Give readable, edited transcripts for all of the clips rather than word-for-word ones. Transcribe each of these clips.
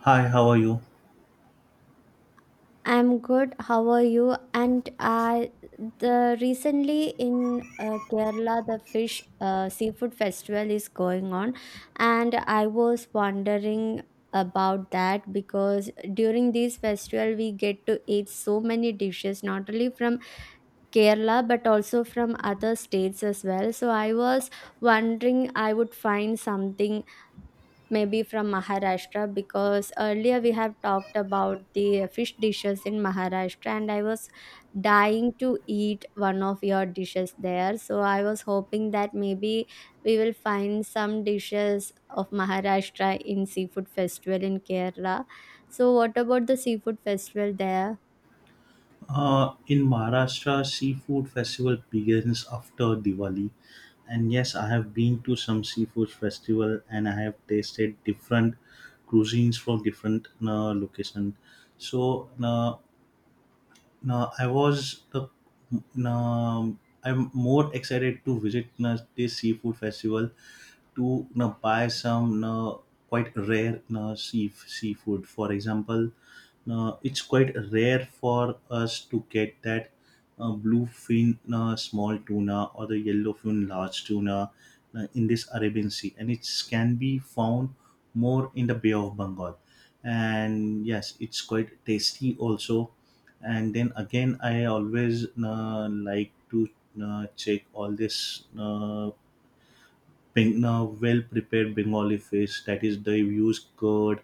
Hi, how are you? I'm good. How are you? And I the recently in Kerala the fish seafood festival is going on, and I was wondering about that because during this festival we get to eat so many dishes not only from Kerala but also from other states as well. So I was wondering I would find something maybe from Maharashtra because earlier we have talked about the fish dishes in Maharashtra and I was dying to eat one of your dishes there. So I was hoping that maybe we will find some dishes of Maharashtra in seafood festival in Kerala. So what about the seafood festival there? In Maharashtra, seafood festival begins after Diwali, and yes, I have been to some seafood festival and I have tasted different cuisines from different location. So, now I was the now, I'm more excited to visit this seafood festival to buy some quite rare seafood. For example. It's quite rare for us to get that bluefin small tuna or the yellowfin large tuna in this Arabian Sea, and it can be found more in the Bay of Bengal. And yes, it's quite tasty also. And then again, I always like to check all this. Well prepared Bengali fish. That is, they use curd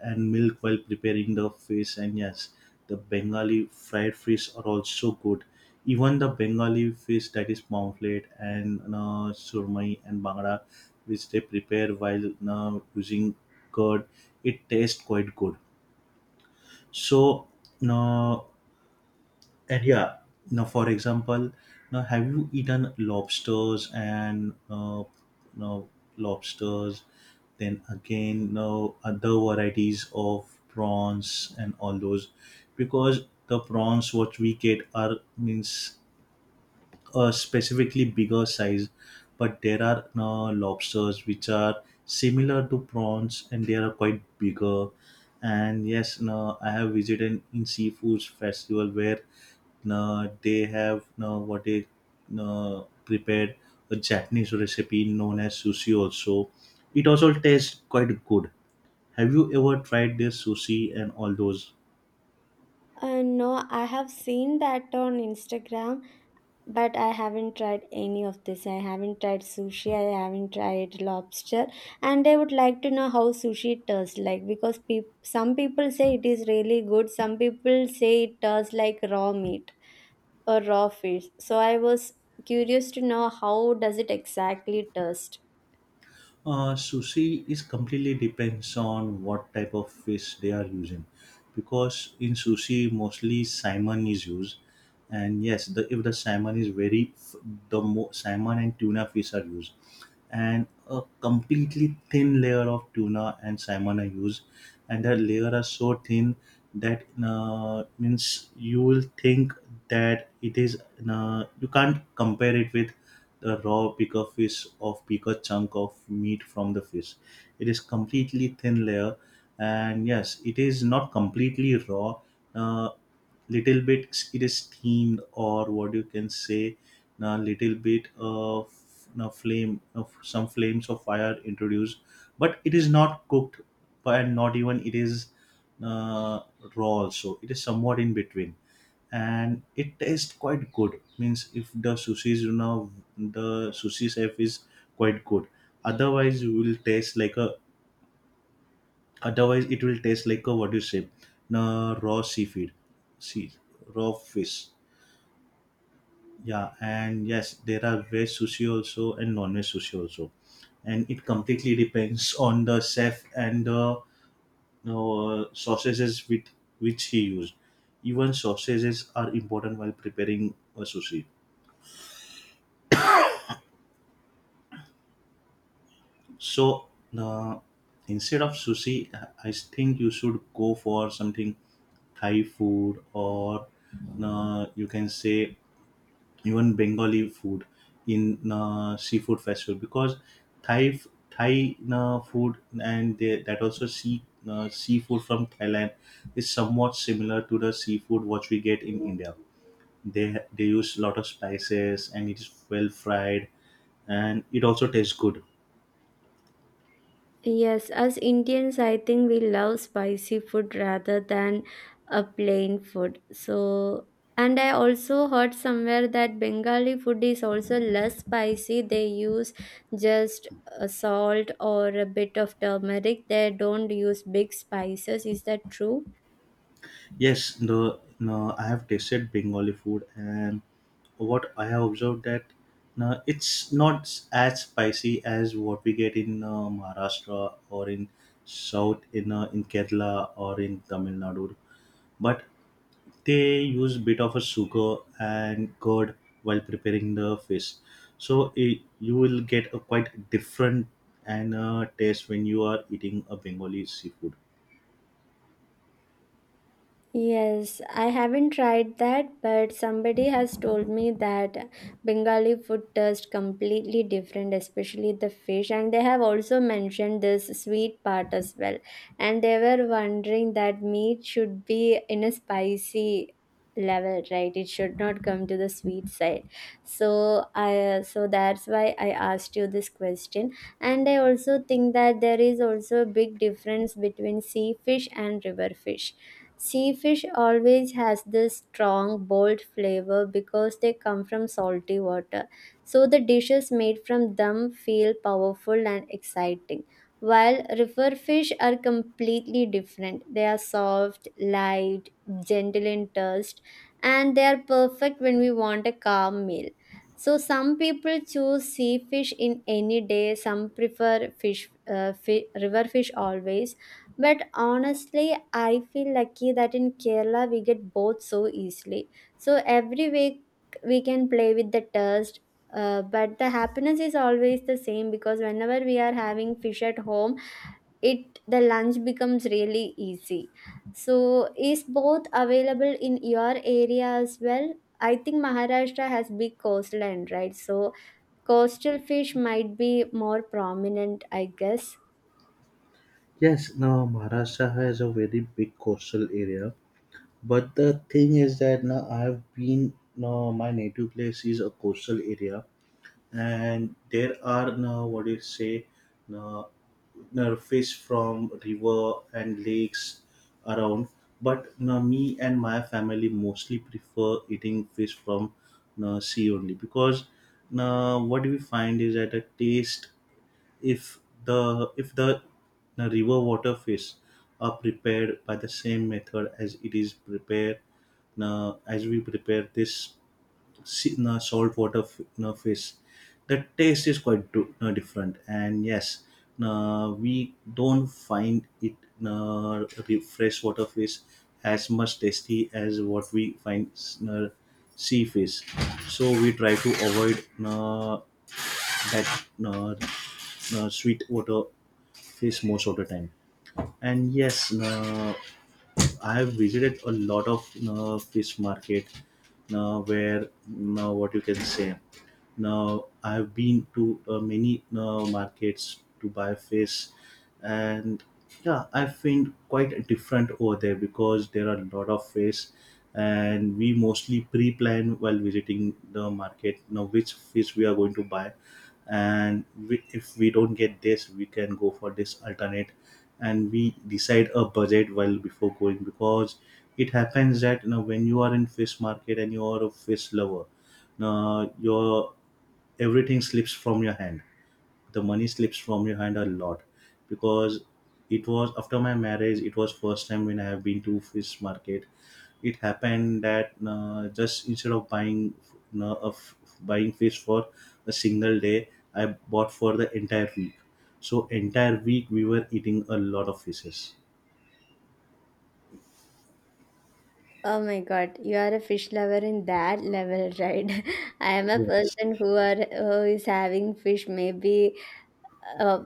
and milk while preparing the fish. And yes, the Bengali fried fish are also good. Even the Bengali fish that is pomfret and surmai and bangda, which they prepare while using curd, it tastes quite good. So, uh, and yeah, now, for example, now have you eaten lobsters and now lobsters? Then again, now other varieties of prawns and all those, because the prawns what we get are means a specifically bigger size, but there are lobsters which are similar to prawns and they are quite bigger. And yes, no, I have visited in seafoods festival where, no, they have, no, what they, no, prepared a Japanese recipe known as sushi. Also, it also tastes quite good. Have you ever tried their sushi and all those? No, I have seen that on Instagram, but I haven't tried any of this. I haven't tried sushi. I haven't tried lobster, and I would like to know how sushi tastes like because peop some people say it is really good. Some people say it tastes like raw meat or raw fish. So I was curious to know how does it exactly taste. Sushi is completely depends on what type of fish they are using, because in sushi mostly salmon is used, and yes, the if the salmon is very f- the mo- salmon and tuna fish are used, and a completely thin layer of tuna and salmon I use, and that layer are so thin that means you will think that it is, you can't compare it with the raw bigger fish or bigger chunk of meat from the fish. It is completely thin layer, and yes, it is not completely raw. Uh, little bit it is steamed, or what you can say a little bit of a flame, of some flames of fire introduced, but it is not cooked and not even it is uh, raw also, it is somewhat in between, and it tastes quite good, means if the sushi is, the sushi chef is quite good. otherwise you will taste like a Otherwise, it will taste like a, what do you say, na raw seafood, sea raw fish. Yeah, and yes, there are veg sushi also and non-veg sushi also, and it completely depends on the chef and the sausages with which he used. Even sausages are important while preparing a sushi. So, uh, instead of sushi, I think you should go for something Thai food, or you can say even Bengali food in seafood festival, because Thai Thai, food, and that also seafood from Thailand is somewhat similar to the seafood what we get in India. They use a lot of spices and it is well fried, and it also tastes good. Yes, as Indians, I think we love spicy food rather than a plain food. So, and I also heard somewhere that Bengali food is also less spicy. They use just salt or a bit of turmeric. They don't use big spices. Is that true? Yes, the, no, I have tasted Bengali food, and what I have observed that, no, it's not as spicy as what we get in Maharashtra, or in South in Kerala or in Tamil Nadu. But they use bit of a sugar and curd while preparing the fish, so you will get a quite different and taste when you are eating a Bengali seafood. Yes, I haven't tried that, but somebody has told me that Bengali food tastes completely different, especially the fish. And they have also mentioned this sweet part as well. And they were wondering that meat should be in a spicy level, right? It should not come to the sweet side. So that's why I asked you this question. And I also think that there is also a big difference between sea fish and river fish. Sea fish always has this strong, bold flavor because they come from salty water. So the dishes made from them feel powerful and exciting. While river fish are completely different. They are soft, light, gentle in taste, and they are perfect when we want a calm meal. So some people choose sea fish in any day. Some prefer river fish always, but honestly, I feel lucky that in Kerala we get both so easily. So every week we can play with the taste. But the happiness is always the same because whenever we are having fish at home, it the lunch becomes really easy. So is both available in your area as well? I think Maharashtra has big coastline, right? So coastal fish might be more prominent, I guess. Yes, now Maharashtra has a very big coastal area, but the thing is that now I have been now my native place is a coastal area, and there are now, what do you say, now, now fish from river and lakes around. But now me and my family mostly prefer eating fish from now sea only, because now what we find is that the taste, if if the, the river water fish, are prepared by the same method as it is prepared, as we prepare this saltwater fish, the taste is quite different, and yes, we don't find it, the freshwater fish, as much tasty as what we find sea fish, so we try to avoid that, uh, sweet water face most of the time. And yes, I have visited a lot of fish market, where, what you can say. Now I have been to many markets to buy fish, and yeah, I feel quite different over there because there are a lot of fish, and we mostly pre-plan while visiting the market. Now which fish we are going to buy, and we, if we don't get this, we can go for this alternate, and we decide a budget well before going, because it happens that, when you are in fish market and you are a fish lover, now your everything slips from your hand, the money slips from your hand a lot, because it was after my marriage, it was first time when I have been to fish market. It happened that, just instead of buying, fish for a single day, I bought for the entire week, so entire week we were eating a lot of fishes. Oh my God, you are a fish lover in that level, right? I am a Yes. person who is having fish maybe uh,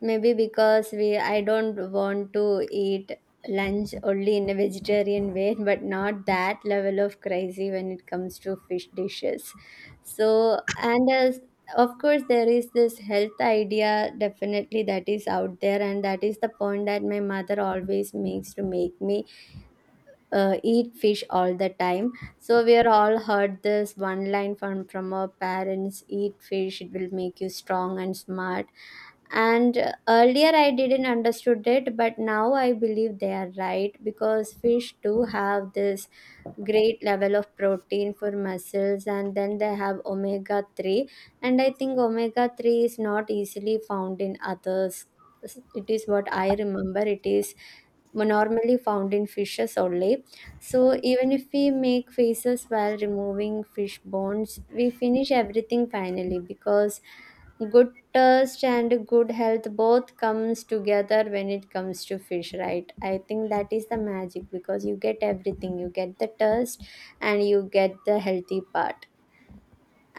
maybe because we I don't want to eat lunch only in a vegetarian way, but not that level of crazy when it comes to fish dishes. So and as of course there is this health idea definitely that is out there and that is the point that my mother always makes to make me eat fish all the time. So we are all heard this one line from our parents: eat fish, it will make you strong and smart. And earlier I didn't understood it, but now I believe they are right because fish do have this great level of protein for muscles, and then they have omega 3. And I think omega 3 is not easily found in others. It is, what I remember, it is normally found in fishes only. So even if we make faces while removing fish bones, we finish everything finally because good thirst and good health both comes together when it comes to fish, right? I think that is the magic because you get everything, you get the thirst and you get the healthy part.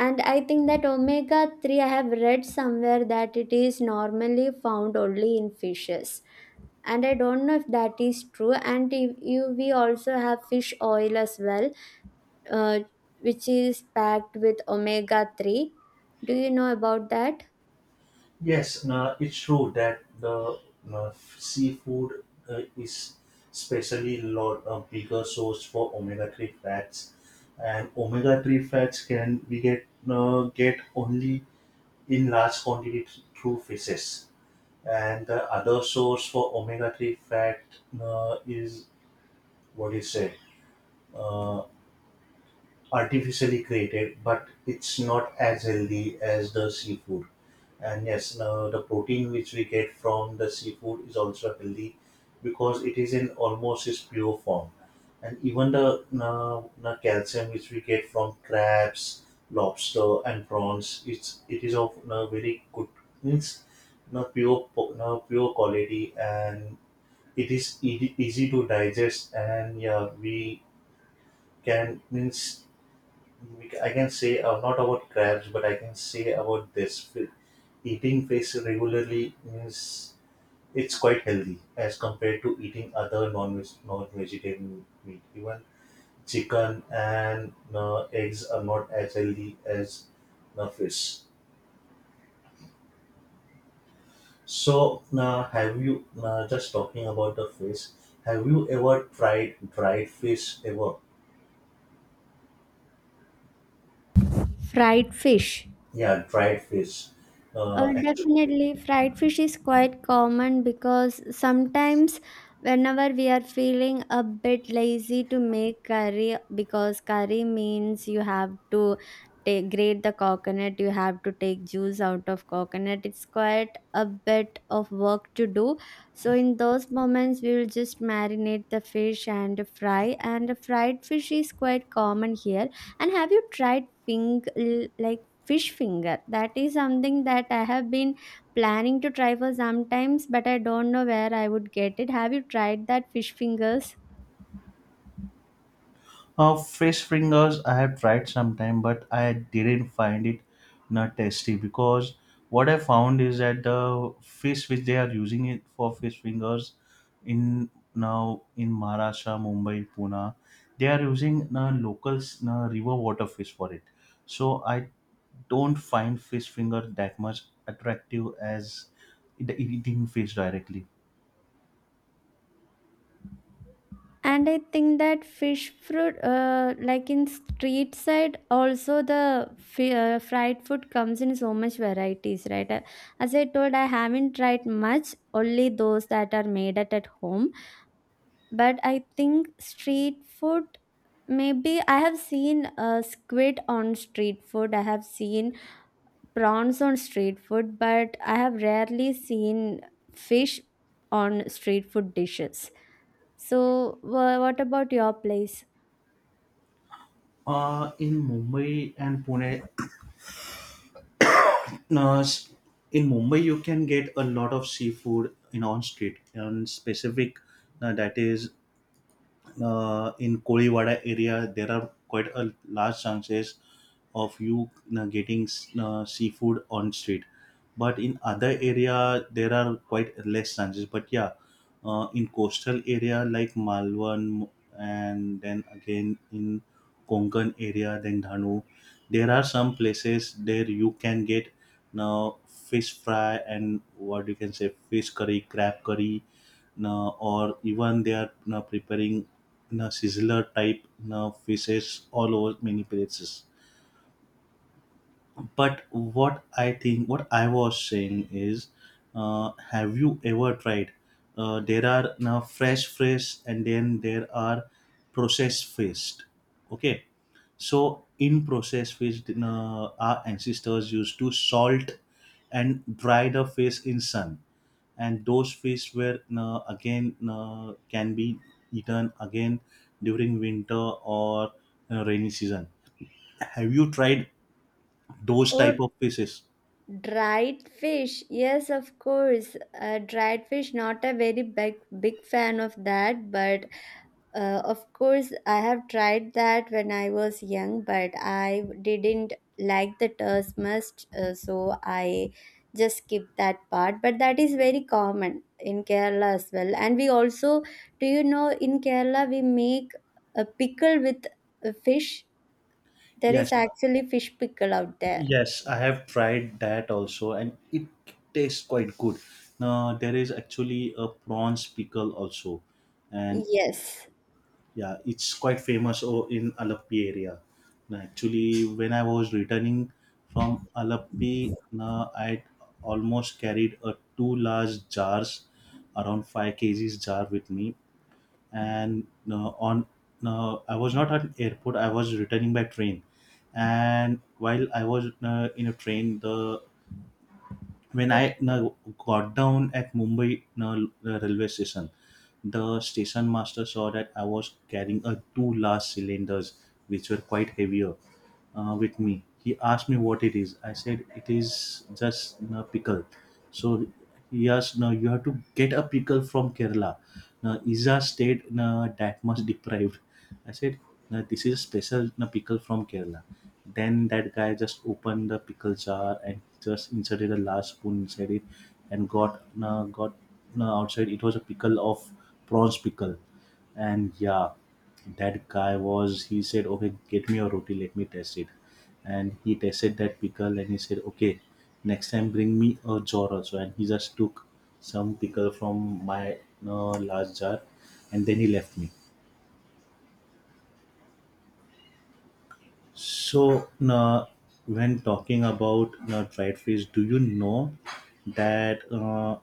And I think that omega 3, I have read somewhere that it is normally found only in fishes, and I don't know if that is true. And if you we also have fish oil as well, uh, which is packed with omega 3. Do you know about that? Yes, no, it's true that the, no, seafood is especially lot a bigger source for omega-3 fats, and omega-3 fats can we get only in large quantity, through fishes, and the other source for omega-3 fat is, what you say. Uh, artificially created, but it's not as healthy as the seafood. And yes, the protein which we get from the seafood is also healthy because it is in almost its pure form. And even the calcium which we get from crabs, lobster, and prawns, it is of very good, means, pure quality, and it is easy, easy to digest. And yeah, we can, means, I can say, not about crabs, but I can say about this. Eating fish regularly, means it's quite healthy as compared to eating other non-vegetarian meat. Even chicken and eggs are not as healthy as the fish. So, have you, just talking about the fish? Have you ever tried dried fish ever? Fried fish? Yeah, dried fish. Uh, Definitely, fried fish is quite common because sometimes, whenever we are feeling a bit lazy to make curry, because curry means you have to take grate the coconut, you have to take juice out of coconut. It's quite a bit of work to do. So in those moments, we will just marinate the fish and fry. And fried fish is quite common here. And have you tried like fish finger? That is something that I have been planning to try for some times, but I don't know where I would get it. Have you tried that fish fingers? fish fingers I have tried sometime, but I didn't find it not tasty, because what I found is that the fish which they are using it for fish fingers in Maharashtra, Mumbai, Pune, they are using local river water fish for it. So I don't find fish finger that much attractive as the eating fish directly. And I think that like in street side, also the fried food comes in so much varieties, right? As I told, I haven't tried much, only those that are made at home. But I think street food, maybe I have seen squid on street food. I have seen prawns on street food, but I have rarely seen fish on street food dishes. So, what about your place? In Mumbai and Pune, now, in Mumbai, you can get a lot of seafood in on street, and specific, that is, in Koliwada area, there are quite a large chances of you getting seafood on street. But in other area, there are quite less chances. But yeah, in coastal area like Malwan, and then again in Konkan area, then Dhanu, there are some places there you can get now fish fry, and what you can say fish curry, crab curry, or even they are you preparing, sizzler type you fishes all over many places, but what I was saying is, have you ever tried? There are now fresh fish, and then there are processed fish. Okay, so in processed fish, our ancestors used to salt and dry the fish in sun, and those fish were, again, can be eaten again during winter or rainy season. Have you tried those Oh, type of fishes? dried fish. Yes, of course. Dried fish. Not a very big fan of that, but of course, I have tried that when I was young, but I didn't like the taste much, so I just skipped that part. But that is very common in Kerala as well. And we also, do you know, in Kerala we make a pickle with a fish. There is Yes, actually fish pickle out there. yes, I have tried that also, and it tastes quite good. Now there is actually a prawns pickle also, and Yes. yeah, it's quite famous in Alappi area. Now, actually, when I was returning from Alappi, now I almost carried a two large jars, around 5 kgs jar with me, and, on I was not at airport. I was returning by train, and while I was in a train, the when I, no, got down at Mumbai, no, railway station, the station master saw that I was carrying a two large cylinders which were quite heavier with me. He asked me what it is. I said it is just a pickle. So yes, now you have to get a pickle from Kerala. Now is a state, no, that much deprived. I said, no, this is a special, no, pickle from Kerala. Then that guy just opened the pickle jar and just inserted a large spoon inside it and got outside. It was a pickle of prawns pickle, and yeah, that guy was. He said, "Okay, get me a roti. Let me test it." And he tested that pickle and he said, "Okay, next time bring me a jar also." And he just took some pickle from my large jar, and then he left me. So, na, when talking about na dried fish, do you know that,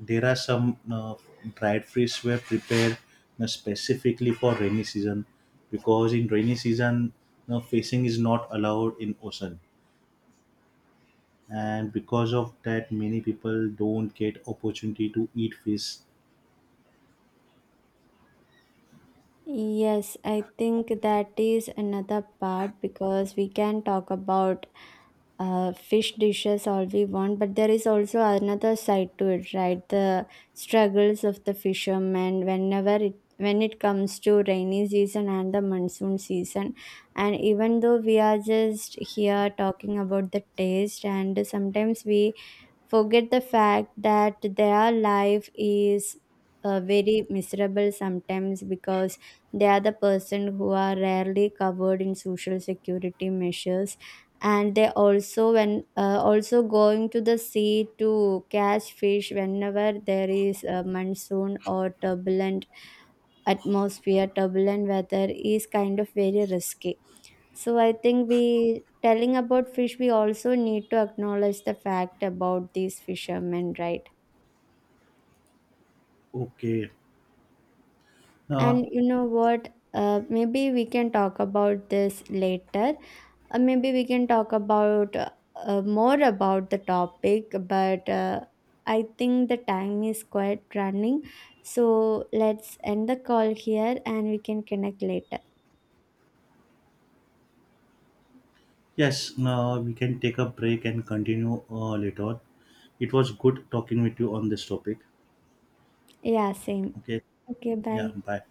there are some dried fish were prepared na specifically for rainy season, because in rainy season, na fishing is not allowed in ocean, and because of that, many people don't get opportunity to eat fish. Yes, I think that is another part because we can talk about fish dishes all we want, but there is also another side to it, right? The struggles of the fishermen whenever it when it comes to rainy season and the monsoon season, and even though we are just here talking about the taste and sometimes we forget the fact that their life is very miserable sometimes because they are the person who are rarely covered in social security measures. And they also when also going to the sea to catch fish, whenever there is a monsoon or turbulent weather is kind of very risky. So I think we telling about fish, we also need to acknowledge the fact about these fishermen, right? Okay. Now, And you know what? Maybe we can talk about this later. Maybe we can talk about more about the topic, but I think the time is quite running. So let's end the call here and we can connect later. yes. Now we can take a break and continue later. It was good talking with you on this topic. Yeah, same. Okay. Okay, Yeah, bye. bye.